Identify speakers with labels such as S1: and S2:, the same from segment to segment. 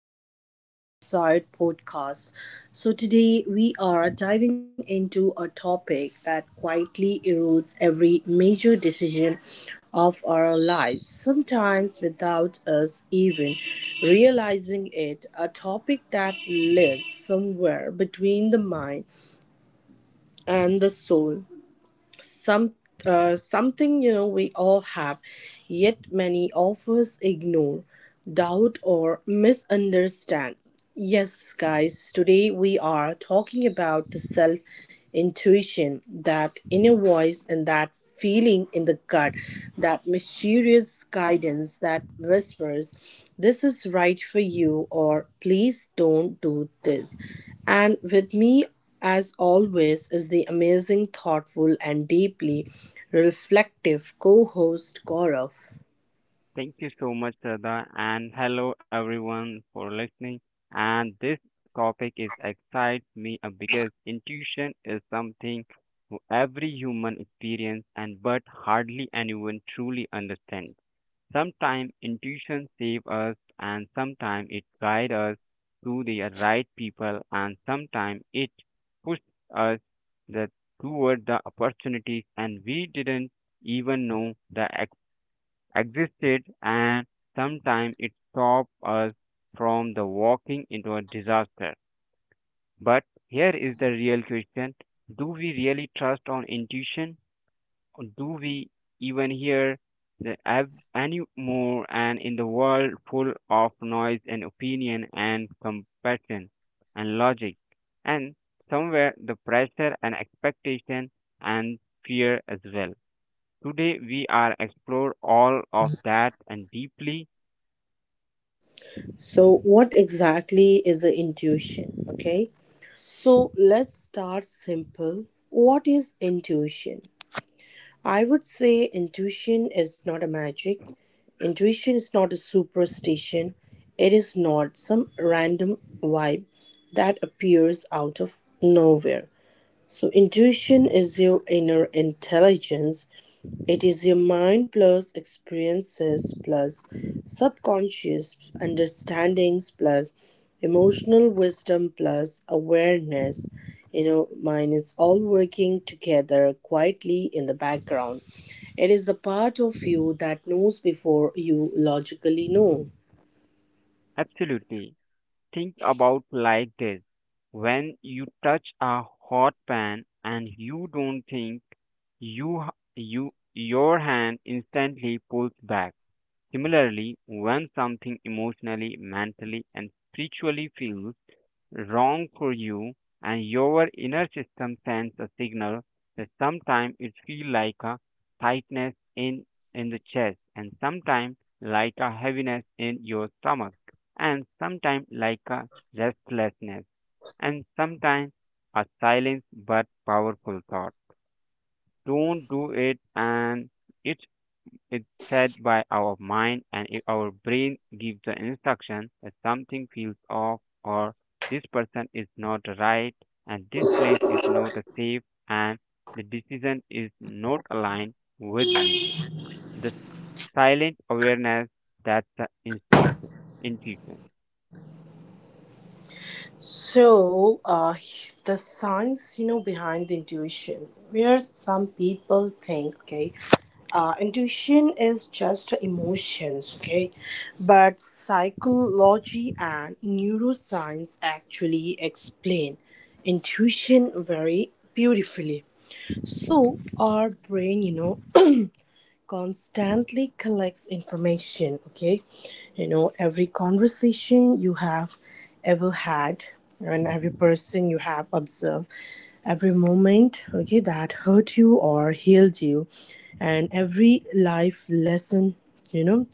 S1: of our Riverside podcast. So, today we are diving into a topic that quietly erodes every major decision of our lives, sometimes without us even realizing it. A topic that lives somewhere between the mind and the soul, some something we all have, yet many of us ignore, doubt, or misunderstand. Yes, guys, today we are talking about the self intuition, that inner voice and that feeling in the gut, that mysterious guidance that whispers, this is right for you, or please don't do this. And with me, as always, is the amazing, thoughtful, and deeply reflective co host Gaurav.
S2: Thank you so much, Sada, and hello everyone for listening. And this topic is excites me because intuition is something who every human experience and but hardly anyone truly understands. Sometimes intuition save us and sometimes it guide us to the right people and sometimes it push us the, toward the opportunities and we didn't even know that existed and sometimes it stopped us from the walking into a disaster. But here is the real question. Do we really trust on intuition? Or do we even hear the anymore and in the world full of noise and opinion and compassion and logic? And somewhere the pressure and expectation and fear as well. Today we are explore all of that and deeply.
S1: So, what exactly is a intuition? Okay, so let's start simple. What is intuition? I would say intuition is not a magic, intuition is not a superstition, it is not some random vibe that appears out of nowhere. So, intuition is your inner intelligence. It is your mind plus experiences plus subconscious understandings plus emotional wisdom plus awareness. You know, mind is all working together quietly in the background. It is the part of you that knows before you logically know.
S2: Absolutely. Think about like this. When you touch a hot pan and you don't think you you your hand instantly pulls back. Similarly, when something emotionally, mentally and spiritually feels wrong for you and your inner system sends a signal that sometimes it feels like a tightness in the chest and sometimes like a heaviness in your stomach and sometimes like a restlessness and sometimes a silent but powerful thought, don't do it, and it's it's set by our mind, and if our brain gives the instruction that something feels off, or this person is not right, and this place is not safe, and the decision is not aligned with me. The silent awareness, that's the intuition. Intuition.
S1: So, the science, you know, behind the intuition, where some people think, okay, intuition is just emotions, okay? But psychology and neuroscience actually explain intuition very beautifully. So, our brain, you know, constantly collects information, okay? You know, every conversation you have ever had, and every person you have observed, every moment, okay, that hurt you or healed you, and every life lesson you know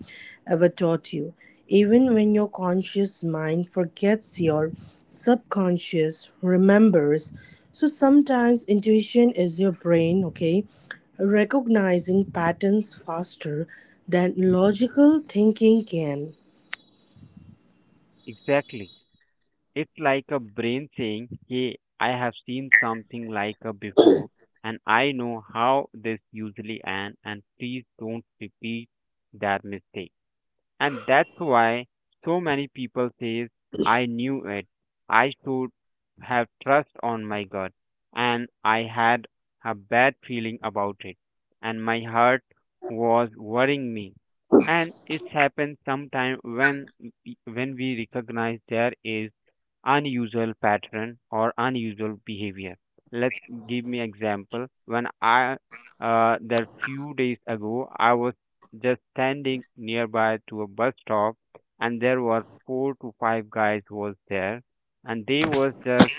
S1: ever taught you. Even when your conscious mind forgets, your subconscious remembers. So, sometimes intuition is your brain, okay, recognizing patterns faster than logical thinking can.
S2: Exactly. It's like a brain saying, Hey, I have seen something like a before, and I know how this usually ends, and please don't repeat that mistake. And that's why so many people says, I knew it. I should have trust on my gut, and I had a bad feeling about it, and my heart was worrying me. And it happens sometime when we recognize there is unusual pattern or unusual behavior. Let give me example. When I that few days ago, I was just standing nearby to a bus stop, and there was four to five guys who was there, and they was just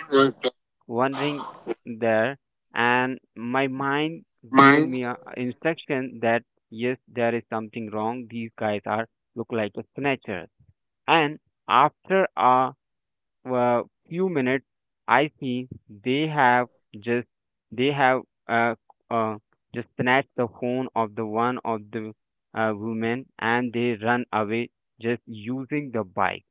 S2: wandering there, and my mind given me a instruction that yes, there is something wrong. These guys are look like a snatchers, and after a few minutes, I see just they have uh, uh, just snatched the phone of the one of the women and they run away just using the bike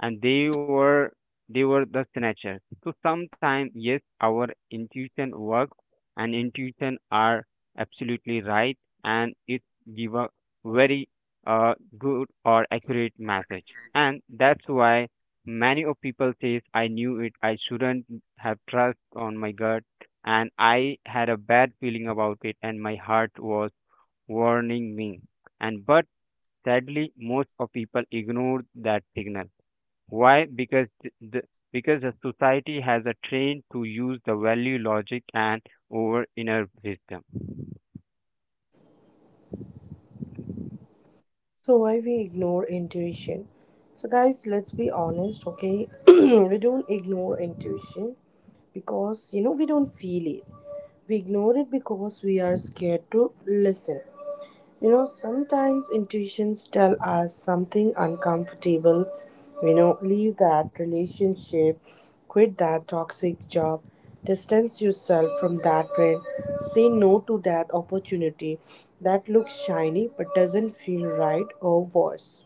S2: and they were the snatchers. So sometimes yes, our intuition works and intuition are absolutely right and it give a very good or accurate message. And that's why many of people says I knew it, I shouldn't have trust on my gut and I had a bad feeling about it and my heart was warning me. And but sadly most of people ignore that signal. Why? Because the society has a trained to use the value logic and over inner wisdom.
S1: So, why we ignore intuition? So, guys, let's be honest, okay? We don't ignore intuition because we don't feel it. We ignore it because we are scared to listen. You know, sometimes intuitions tell us something uncomfortable. You know, leave that relationship, quit that toxic job, distance yourself from that friend, say no to that opportunity that looks shiny but doesn't feel right, or worse.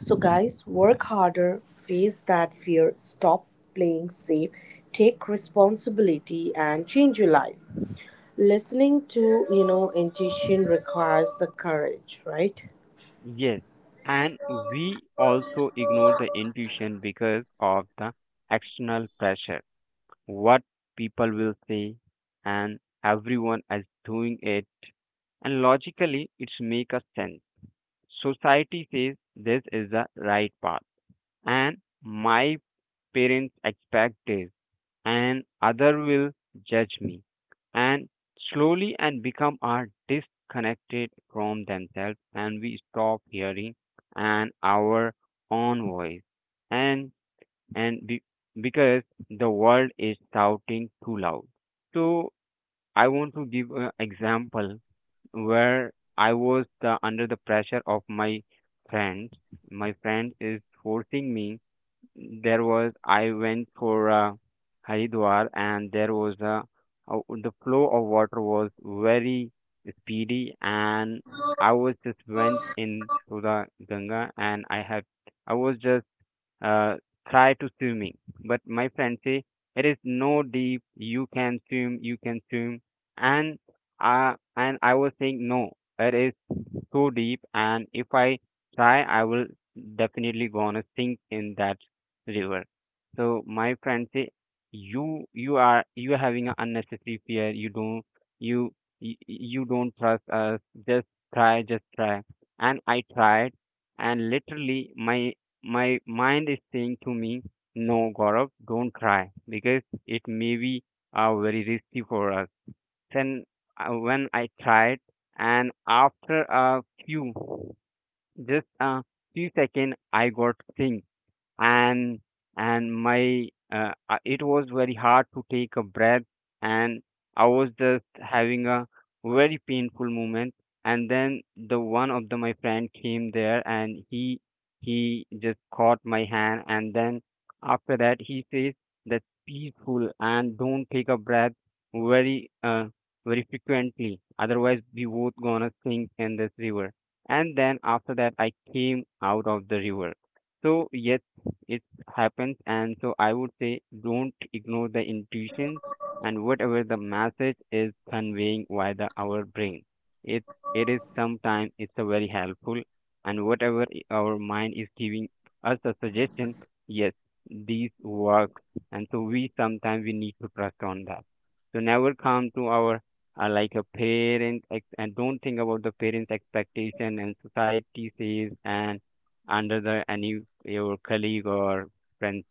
S1: So, guys, work harder, face that fear, stop playing safe, take responsibility, and change your life. Listening to intuition requires the courage, right?
S2: Yes, and we also ignore the intuition because of the external pressure. What people will say, and everyone is doing it, and logically it's make a sense. Society says this is the right path, and my parents expect this and other will judge me and slowly and become are disconnected from themselves and we stop hearing and our own voice and and be, because the world is shouting too loud, so I want to give an example where I was under the pressure of my friends. My friend is forcing me. There was I went for Haridwar and there was the flow of water was very speedy and I was just went into the Ganga and I have I was just uh, try to swimming but my friend say it is no deep, you can swim, you can swim. And and I was saying no, it is so deep and if I try I will definitely gonna sink in that river. So my friend say you are having an unnecessary fear. You don't you you don't trust us. Just try, just try. And I tried and literally my my mind is saying to me, No, Gaurav, don't try because it may be very risky for us. Then when I tried, and after a few, just a few seconds, I got sick and and my it was very hard to take a breath and I was just having a very painful moment and then the one of the my friend came there and he just caught my hand and then after that he says that peaceful and don't take a breath very very frequently otherwise we both gonna sink in this river and then after that I came out of the river. So yes, it happens and so I would say don't ignore the intuition and whatever the message is conveying via the our brain, it it is sometimes it's a very helpful and whatever our mind is giving us a suggestion, yes these work and so we sometimes we need to trust on that. So never come to our like a parent ex- and don't think about the parents expectation and society says and under the any your colleague or friend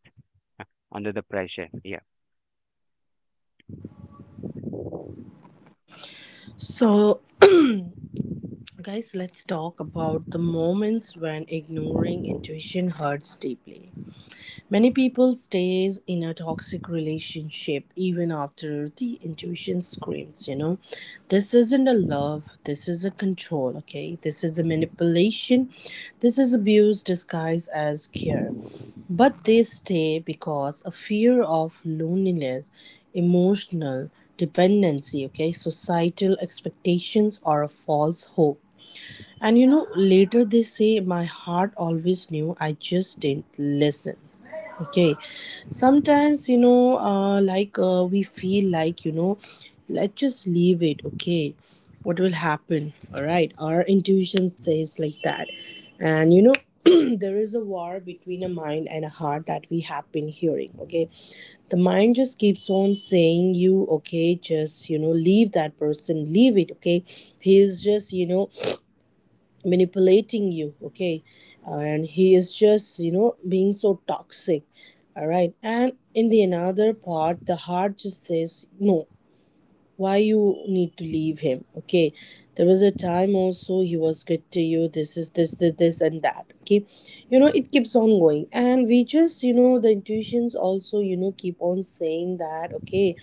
S2: uh, under the pressure. Yeah.
S1: So, guys, let's talk about the moments when ignoring intuition hurts deeply. Many people stays in a toxic relationship even after the intuition screams, you know, this isn't a love, this is a control, okay? This is a manipulation, this is abuse disguised as care. But they stay because a fear of loneliness, emotional dependency, okay, societal expectations, or a false hope. And you know, later they say, my heart always knew, I just didn't listen. Okay, sometimes we feel like, you know, let's just leave it. Okay, what will happen? All right, our intuition
S2: Mm,
S1: says like that, and you know, there is a war between a mind and a heart that we have been hearing. Okay, the mind just keeps on saying, you okay, just you know, leave that person, leave it. Okay, he is just manipulating you, okay, and he is just being so toxic, all right? And in the another part, the heart just says no. Why you need to leave him? Okay, there was a time also he was good to you. This is this, this and that, okay? You know, it keeps on going, and we just you know the intuitions also you know keep on saying that, okay,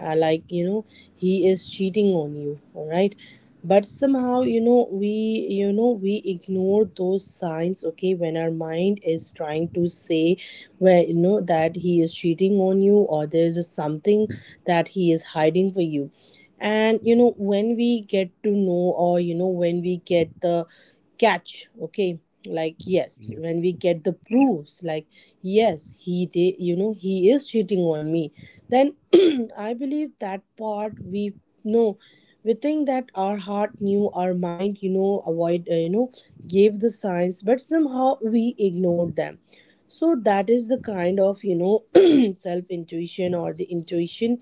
S1: like you know he is cheating on you, all right? But somehow you know we, we ignore those signs, okay, when our mind is trying to say, where you know that he is cheating on you, or there's a something that he is hiding for you. And you know, when we get to know, or you know, when we get the catch, okay, like, yes,
S2: yep.
S1: when we get the proofs, like, yes, he did, you know, he is cheating on me. Then I believe that part, we know, we think that our heart knew, our mind you know avoid, you know gave the signs but somehow we ignored them. So that is the kind of you know self intuition or the intuition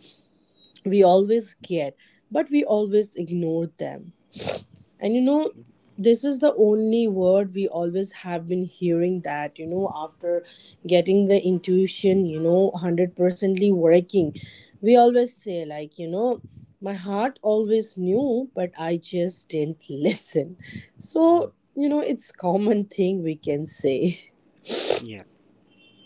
S1: we always get, but we always ignore them. And you know, this is the only word we always have been hearing that, you know, after getting the intuition, you know, 100%ly working, we always say, like, you know, my heart always knew, but I just didn't listen. So,
S2: Yep.
S1: you know, it's common thing we can say.
S2: Yeah.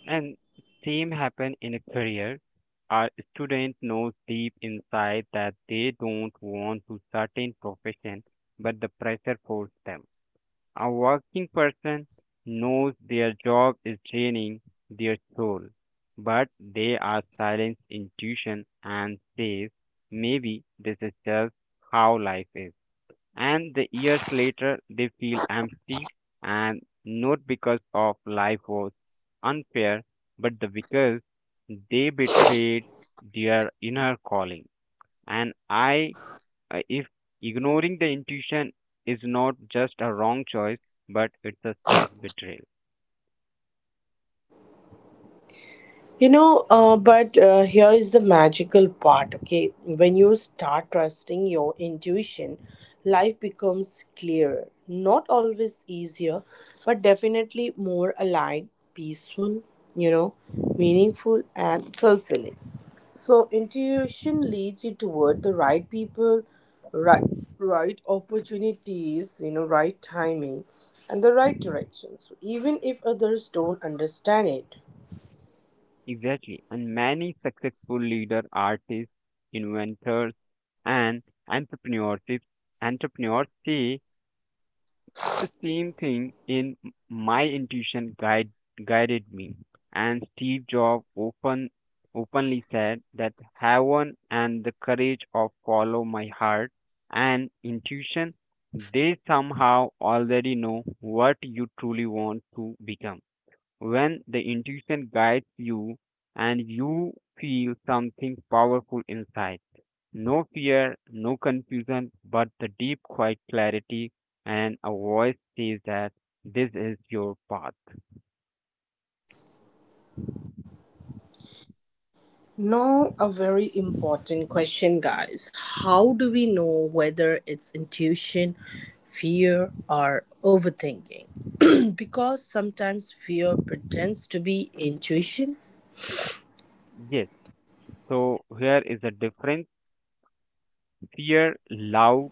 S2: And same happen in a career. Our student knows deep inside that they don't want to certain profession, but the pressure forced them. A working person knows their job is draining their soul, but they are silenced intuition and says maybe this is just how life is. And the years later they feel empty and not because of life was unfair but the because they betrayed their inner calling. And I if ignoring the intuition is not just a wrong choice but it's a self betrayal.
S1: You know, but here is the magical part, okay? When you start trusting your intuition, life becomes clearer. Not always easier, but definitely more aligned, peaceful, you know, meaningful, and fulfilling. So, intuition leads you toward the right people, right, right opportunities, you know, right timing, and the right directions, even if others don't understand it.
S2: Exactly, and many successful leader artists inventors and entrepreneurships entrepreneurs say the same thing in my intuition guided me. And Steve Jobs openly said that heaven and the courage of follow my heart and intuition, they somehow already know what you truly want to become. When the intuition guides you and you feel something powerful inside, no fear, no confusion, but the deep, quiet clarity, and a voice says that this is your path.
S1: Now, a very important question, guys. How do we know whether it's intuition, fear, or overthinking? Because sometimes fear pretends to be intuition.
S2: Yes, so here is the difference. Fear, loud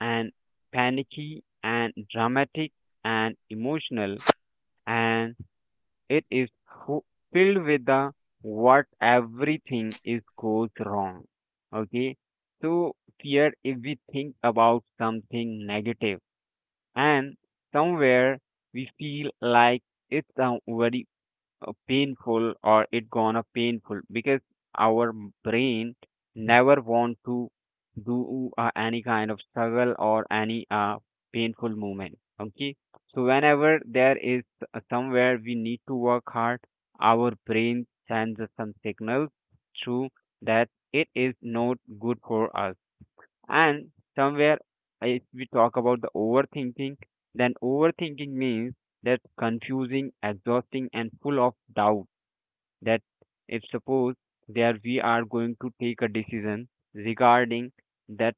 S2: and panicky and dramatic and emotional, and it is fu- filled with the what everything is goes wrong. Okay, so fear if we think about something negative and somewhere we feel like it's a very painful or it gonna painful because our brain never want to do any kind of struggle or any painful movement, okay, so whenever there is somewhere we need to work hard, our brain sends us some signals through that it is not good for us. And somewhere, if we talk about the overthinking, then overthinking means that confusing, exhausting, and full of doubt. That if suppose there we are going to take a decision regarding that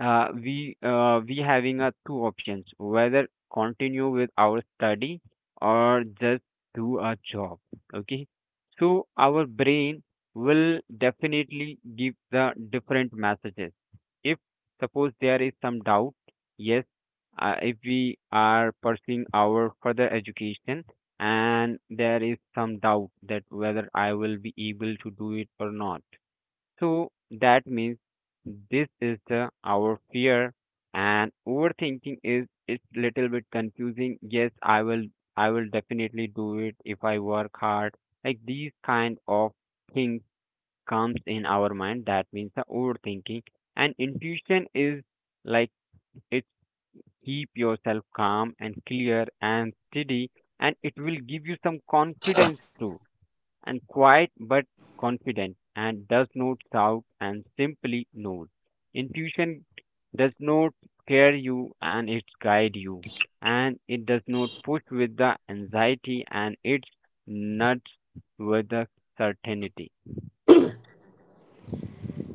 S2: we having a two options whether continue with our study or just do a job. Okay, so our brain will definitely give the different messages if suppose there is some doubt, yes if we are pursuing our further education and there is some doubt that whether I will be able to do it or not, so that means this is the our fear. And overthinking is it's little bit confusing, yes I will definitely do it if I work hard, like these kind of things comes in our mind, that means the overthinking. And intuition is like it keep yourself calm and clear and steady and it will give you some confidence too and quiet but confident and does not shout and simply knows. Intuition does not scare you and it guide you and it does not push with the anxiety and it nuts with the certainty.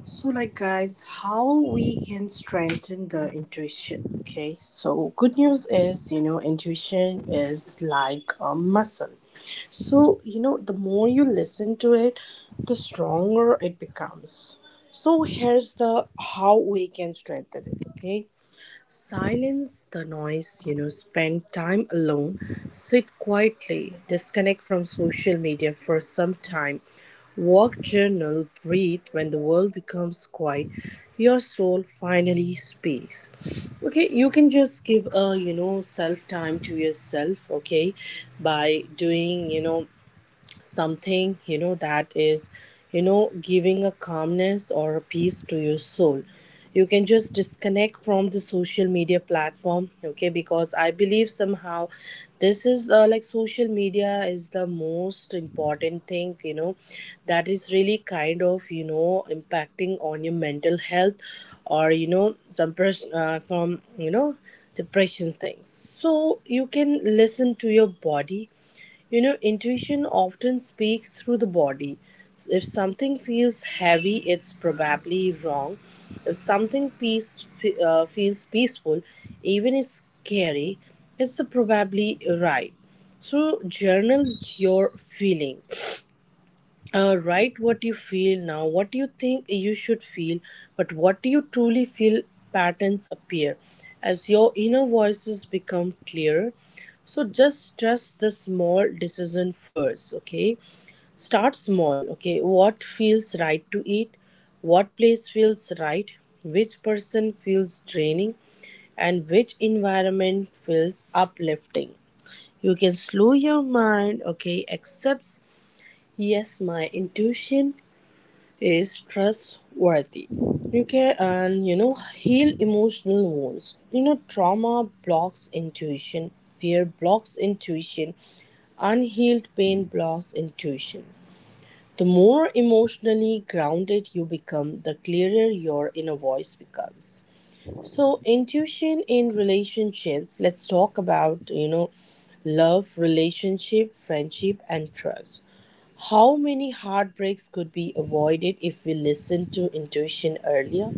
S1: So, like, guys, how we can strengthen the intuition. Okay, so good news is, you know, intuition is like a muscle. So, you know, the more you listen to it, the stronger it becomes. So, here's the how we can strengthen it. Okay, silence the noise, you know, spend time alone, sit quietly, disconnect from social media for some time, walk, journal, breathe. When the world becomes quiet, your soul finally speaks. Okay, you can just give a, you know, self time to yourself, okay, by doing, you know, something you know that is you know giving a calmness or a peace to your soul. You can just disconnect from the social media platform, okay, because I believe somehow this is like, social media is the most important thing you know that is really kind of you know impacting on your mental health, or you know, from you know depressions things. So, you can listen to your body. You know, intuition often speaks through the body. If something feels heavy, it's probably wrong. If something peace, feels peaceful, even is scary, it's the probably right. So, journal your feelings.
S2: Yes,
S1: Write what you feel now, what you think you should feel, but what do you truly feel. Patterns appear as your inner voices become clearer. So, just trust the small decision first, okay? Start small, okay? What feels right to eat, what place feels right, which person feels draining, and which environment feels uplifting. You can slow your mind, okay? Accept, yes, my intuition is trustworthy. You can, and you know, heal emotional wounds. You know, trauma blocks intuition, fear blocks intuition, unhealed pain blocks intuition. The more emotionally grounded you become, the clearer your inner voice becomes. So, intuition in relationships. Let's talk about, you know, love, relationship, friendship, and trust. How many heartbreaks could be avoided if we listened to intuition earlier?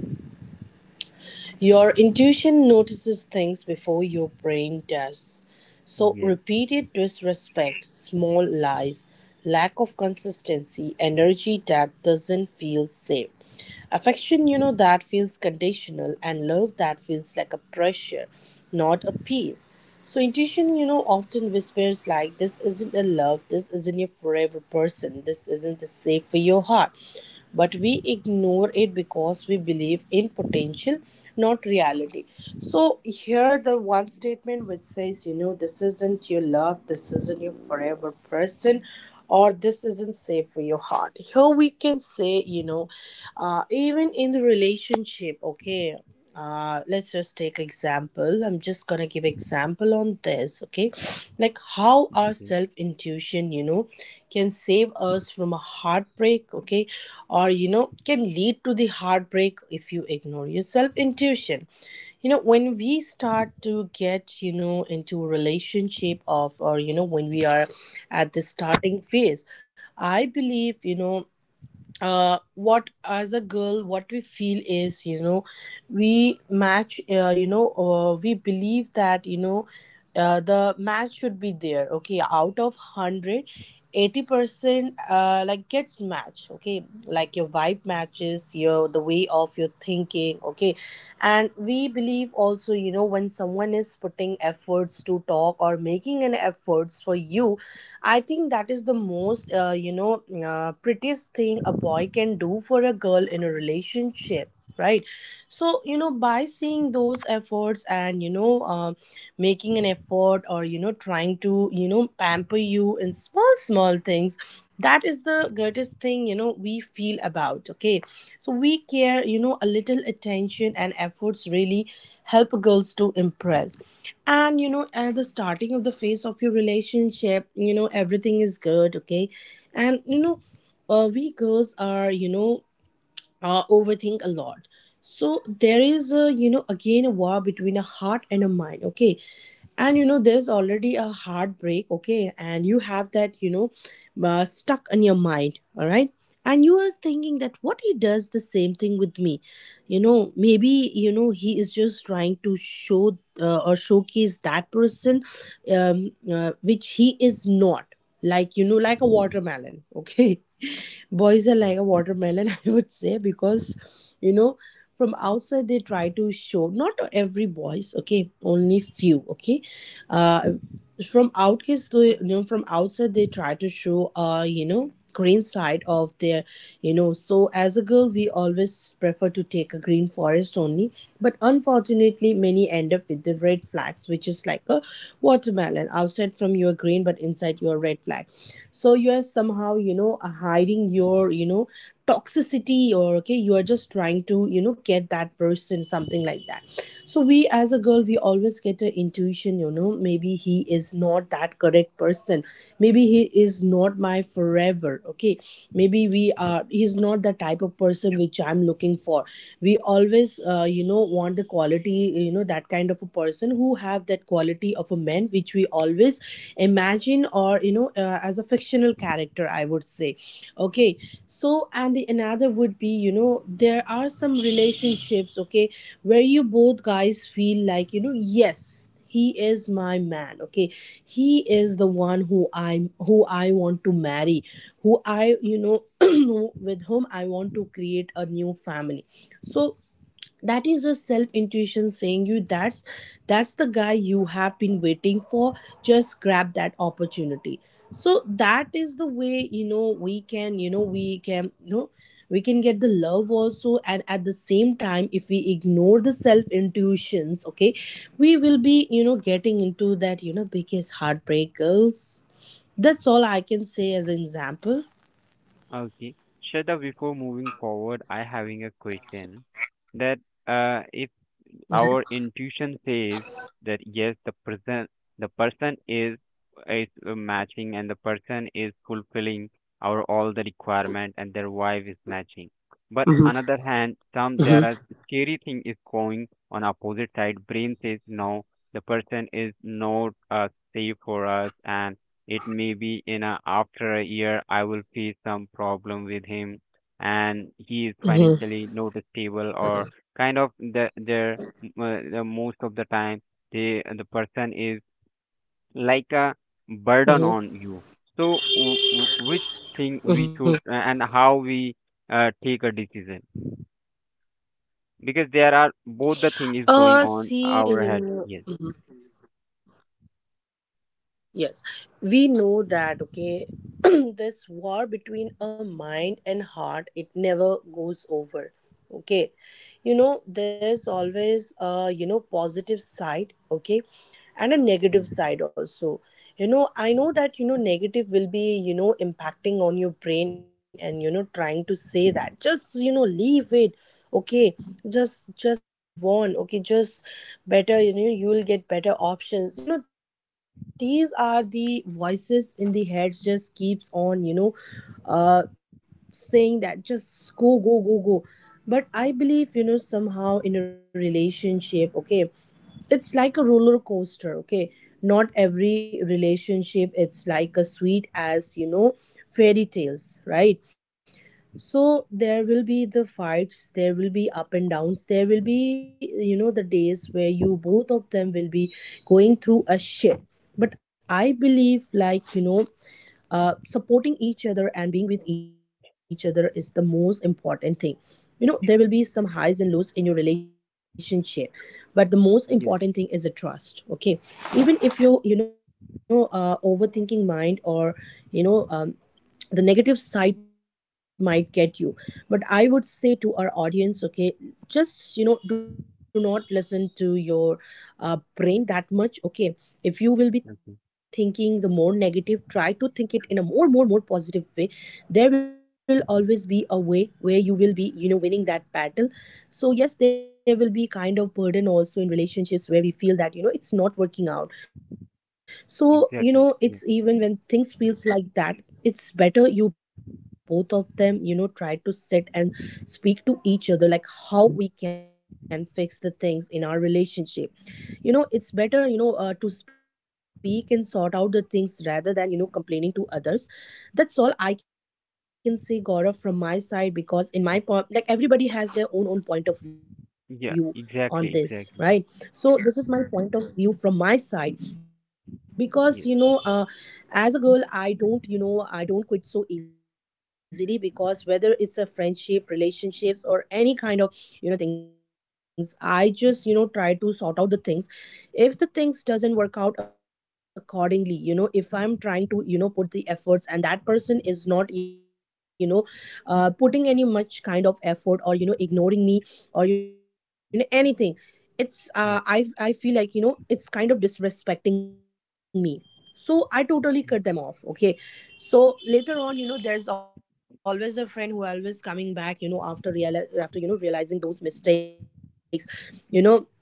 S1: Your intuition notices things before your brain does. So,
S2: yes.
S1: repeated disrespect, small lies, lack of consistency, energy that doesn't feel safe. Affection, you know, that feels conditional, and love that feels like a pressure, not a peace. So, intuition, you know, often whispers like, this isn't a love, this isn't your forever person, this isn't the safe for your heart. But we ignore it because we believe in potential, not reality. So, here the one statement which says, you know, this isn't your love, this isn't your forever person or this isn't safe for your heart, here we can say even in the relationship. Okay, let's just take example, I'm just gonna give example on this. Okay, like how our
S2: Hmm.
S1: self intuition, you know, can save us from a heartbreak. Okay, or you know, can lead to the heartbreak if you ignore your self intuition. You know, when we start to get, you know, into a relationship of, or you know, when we are at the starting phase, I believe, what as a girl what we feel is, you know, we match, you know, we believe that you know, the match should be there. Okay, out of 100, 80% like gets match. Okay, like your vibe matches, your the way of your thinking. Okay, and we believe also, you know, when someone is putting efforts to talk or making an efforts for you, I think that is the most you know, prettiest thing a boy can do for a girl in a relationship, right? So you know, by seeing those efforts and you know, making an effort or you know, trying to, you know, pamper you in small small things, that is the greatest thing, you know, we feel about. Okay, so we care, you know, a little attention and efforts really help girls to impress. And you know, at the starting of the phase of your relationship, you know, everything is good. Okay, and you know, we girls are, overthink a lot. So there is a, you know, again a war between a heart and a mind. Okay, and you know, there's already a heartbreak. Okay, and you have that you know, stuck in your mind, all right? And you are thinking that what he does the same thing with me. You know, maybe you know, he is just trying to show or showcase that person which he is not. Like you know, like a watermelon okay. Boys are like a watermelon I would say, because you know, from outside they try to show, not to every boys, okay, only few. Okay uh from outcast you know, from outside they try to show you know, green side of their, you know. So as a girl we always prefer to take a green forest only, but unfortunately many end up with the red flags, which is like a watermelon outside from your green but inside your red flag. So you are somehow, you know, hiding your, you know, toxicity, or okay, you are just trying to, you know, get that person, something like that. So we as a girl, we always get an intuition, you know, maybe he is not that correct person, maybe he is not my forever. Okay, maybe we
S2: Yep,
S1: are he's not the type of person which I'm looking for. We always you know, want the quality, you know, that kind of a person who have that quality of a man which we always imagine, or you know, as a fictional character I would say, okay. So and the another would be, you know, there are some relationships, okay, where you both guys feel like, you know, yes he is my man. Okay, he is
S2: yep.
S1: the one who I'm who I want to marry, who I you know, with whom I want to create a new family. So that is your self intuition saying you that's the guy you have been waiting for, just grab that opportunity. So that is the way, you know we can you know, we can get the love also. And at the same time, if we ignore the self intuitions, okay, we will be, you know, getting into that, you know, biggest heartbreak girls. That's all I can say as an example.
S2: Okay. Shraddha, before moving forward, I having a question that if our
S1: hmm
S2: intuition says that yes, the person is matching and the person is fulfilling our all the requirement and their wife is matching. But another
S1: hmm
S2: hand, some there are scary thing is going on opposite side. Brain says no, the person is not safe for us, and it may be in a after a year I will face some problem with him, and he is financially
S1: hmm
S2: not stable or kind of the their the most of the time the person is like a burden on
S1: hmm
S2: you. So which thing we should
S1: hmm
S2: and how we take a decision, because there are both the thing is going on
S1: see
S2: our
S1: you
S2: head.
S1: know.
S2: Yes.
S1: Mm-hmm. Yes, we know that, okay, this war between a mind and heart, it never goes over. Okay, you know, there's always a, you know, positive side, okay, and a
S2: Mm.
S1: negative side also. You know, I know that you know, negative will be, you know, impacting on your brain and you know, trying to say that just, you know, leave it. Okay, just try to move on. Okay, just better, you know, you will get better options, you know, these are the voices in the heads, just keeps on, uh saying that just go, go, go, go. But I believe, you know, somehow in a relationship, okay, it's like a roller coaster. Okay, not every relationship it's like a sweet as, you know, fairy tales, right? So there will be the fights, there will be up and downs, there will be, you know, the days where you both of them will be going through a shit. But I believe, like you know, supporting each other and being with each other is the most important thing. You know, there will be some highs and lows in your relationship, but the most
S2: Yes.
S1: important thing is a trust. Okay, even if you, you know overthinking mind, or you know, the negative side might get you. But I would say to our audience, okay, just you know, do not listen to your brain that much. Okay, if you will be
S2: Okay.
S1: thinking the more negative, try to think it in a more, more, more positive way. There will always be a way where you will be, you know, winning that battle. So yes, there will be kind of burden also in relationships where we feel that, you know, it's not working out. So
S2: Exactly,
S1: you
S2: yeah.
S1: know, it's even when things feels like that, it's better you both of them, you know, try to sit and speak to each other like how we can fix the things in our relationship. You know, it's better, to speak and sort out the things rather than, you know, complaining to others. That's all I can say, Gaurav, from my side,
S2: uh,
S1: because in my point, like everybody has their own point
S2: yeah,
S1: of view
S2: exactly,
S1: on
S2: exactly.
S1: this, right? So this is my point of view from my side,
S2: Yes.
S1: because you know, as a girl, I don't, you know, I don't quit so easily, because whether it's a friendship, relationships, or any kind of, you know, things, I just, you know, try to sort out the things. If the things doesn't work out accordingly, you know, if I'm trying to, you know, put the efforts and that person is not, you know, putting any much kind of effort, or you know, ignoring me, or you know, anything, it's
S2: Yeah.
S1: uh, i i feel like, you know, it's kind of disrespecting me. So I
S2: Yeah,
S1: totally cut them off, okay. So later on, you know, there's always a friend who always coming back, you know, after, you know, realizing those mistakes, you know.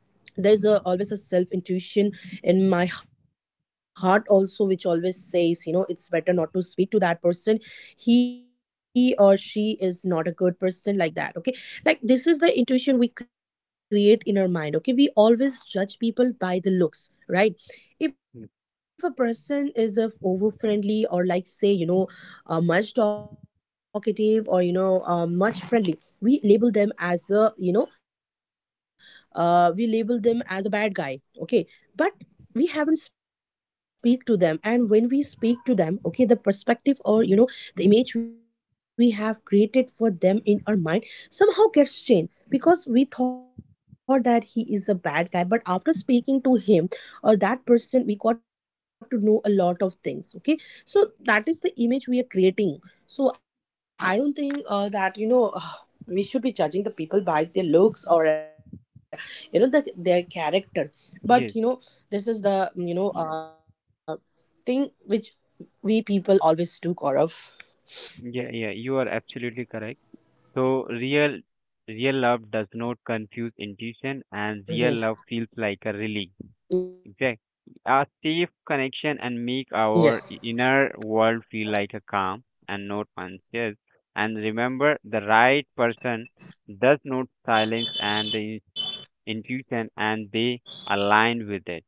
S1: There is a, always a self intuition in my heart also, which always says, you know, it's better not to speak to that person, he or she is not a good person like that. Okay, like this is the intuition we create in our mind. Okay, we always judge people by the looks, right?
S2: yeah.
S1: If a person is a over friendly, or like say, much talkative, or you know, much friendly, we label them as a, we label them as a bad guy. Okay, but we haven't speak to them, and when we speak to them, okay, the perspective, or you know, the image we have created for them in our mind somehow gets changed, because we thought that he is a bad guy but after speaking to him or that person, we got to know a lot of things. Okay, so that is the image we are creating. So I don't think that you know we should be judging the people by their looks, or you know the, their character.
S2: Yes.
S1: But you know, this is the you know, thing which we people always do, Gaurav.
S2: Yeah, yeah, you are absolutely correct. So real real love does not confuse intuition and real love feels like a relief. Exactly.
S1: hmm
S2: A safe connection and
S1: Yes.
S2: make our inner world feel like a calm and not anxious. And remember, the right person does not silence and the intuition and they align with it.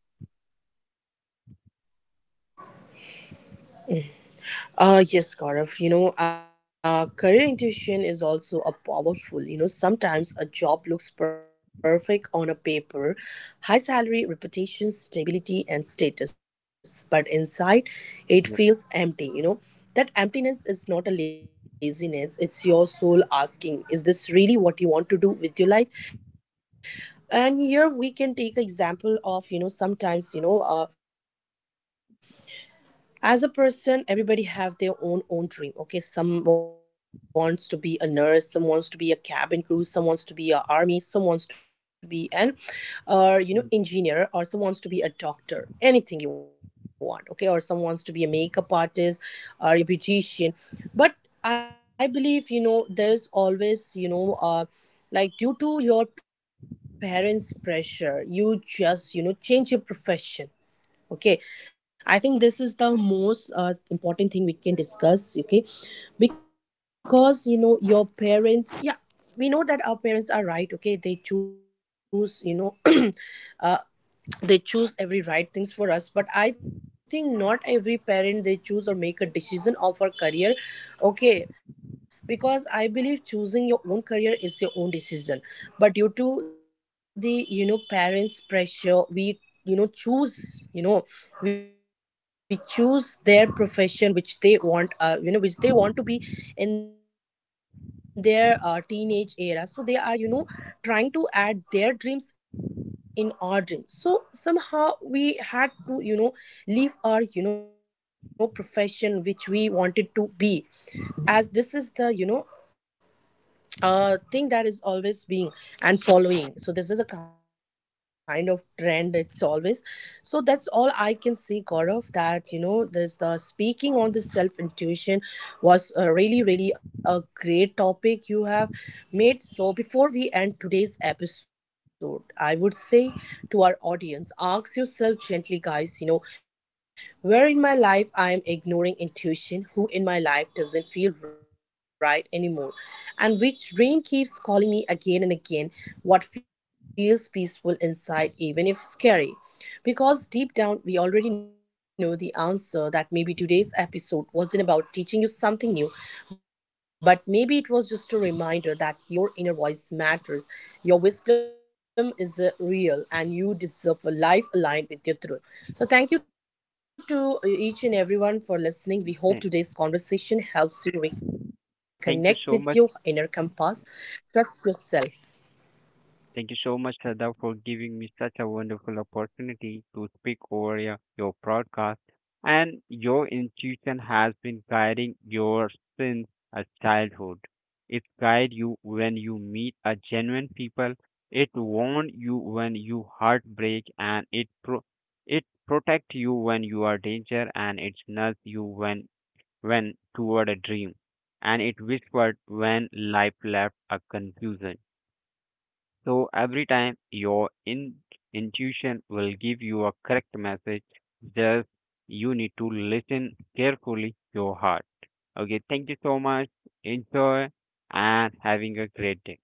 S1: Yes, Gaurav, you know, career intuition is also a powerful, you know, sometimes a job looks perfect on a paper, high salary, reputation, stability, and status, but inside
S2: Yep.
S1: it feels empty, you know. That emptiness is not a laziness, it's your soul asking, is this really what you want to do with your life? And here we can take an example of, you know, sometimes, as a person, everybody have their own dream. Okay, some wants to be a nurse, some wants to be a cabin crew, some wants to be a army, some wants to be an
S2: Mm.
S1: you know, engineer, or some wants to be a doctor, anything you want. Okay, or some wants to be a makeup artist or a beautician. But I believe, you know, there's always, like due to your parents pressure you just, you know, change your profession. Okay, I think this is the most important thing we can discuss. Okay, because you know, your parents, yeah, we know that our parents are right. Okay, they choose, you know, uh they choose every right things for us. But I think not every parent they choose or make a decision of our career. Okay, because I believe choosing your own career is your own decision. But due to the, you know, parents pressure, we, you know, choose, you know, we choose their profession which they want, you know, which they want to be in their teenage era. So they are, you know, trying to add their dreams in our dreams, so somehow we had to, you know, leave our, you know, profession which we wanted to be. As this is the, you know, a thing that is always being and following, so this is a kind of trend, it's always. So that's all I can say, Gaurav, that you know, this the speaking on the self intuition was, really really a great topic you have made. So before we end today's episode, I would say to our audience, ask yourself gently, guys, you know, where in my life I am ignoring intuition, who in my life doesn't feel right anymore, and which dream keeps calling me again and again, what feels peaceful inside, even if scary. Because deep down we already know the answer, that maybe today's episode wasn't about teaching you something new, but maybe it was just a reminder that your inner voice matters, your wisdom is real, and you deserve a life aligned with your truth. So, thank you to each and everyone for
S2: Thank
S1: listening. We hope today's conversation helps you
S2: thank you so
S1: reconnect
S2: much.
S1: with your inner compass. Trust yourself.
S2: Thank you so much, Sada, for
S1: Thank
S2: giving
S1: you,
S2: me such
S1: Gaurav.
S2: a wonderful opportunity to speak over your broadcast. And your intuition has been guiding your since a childhood. It guide you when you meet a genuine people. It warn you when you heartbreak, and it it protect you when you are danger, and it nudge you when toward a dream, and it whispered when life left a confusion. So every time your intuition will give you a correct message, just you need to listen carefully your heart. Okay, thank you so much. Enjoy and having a great day.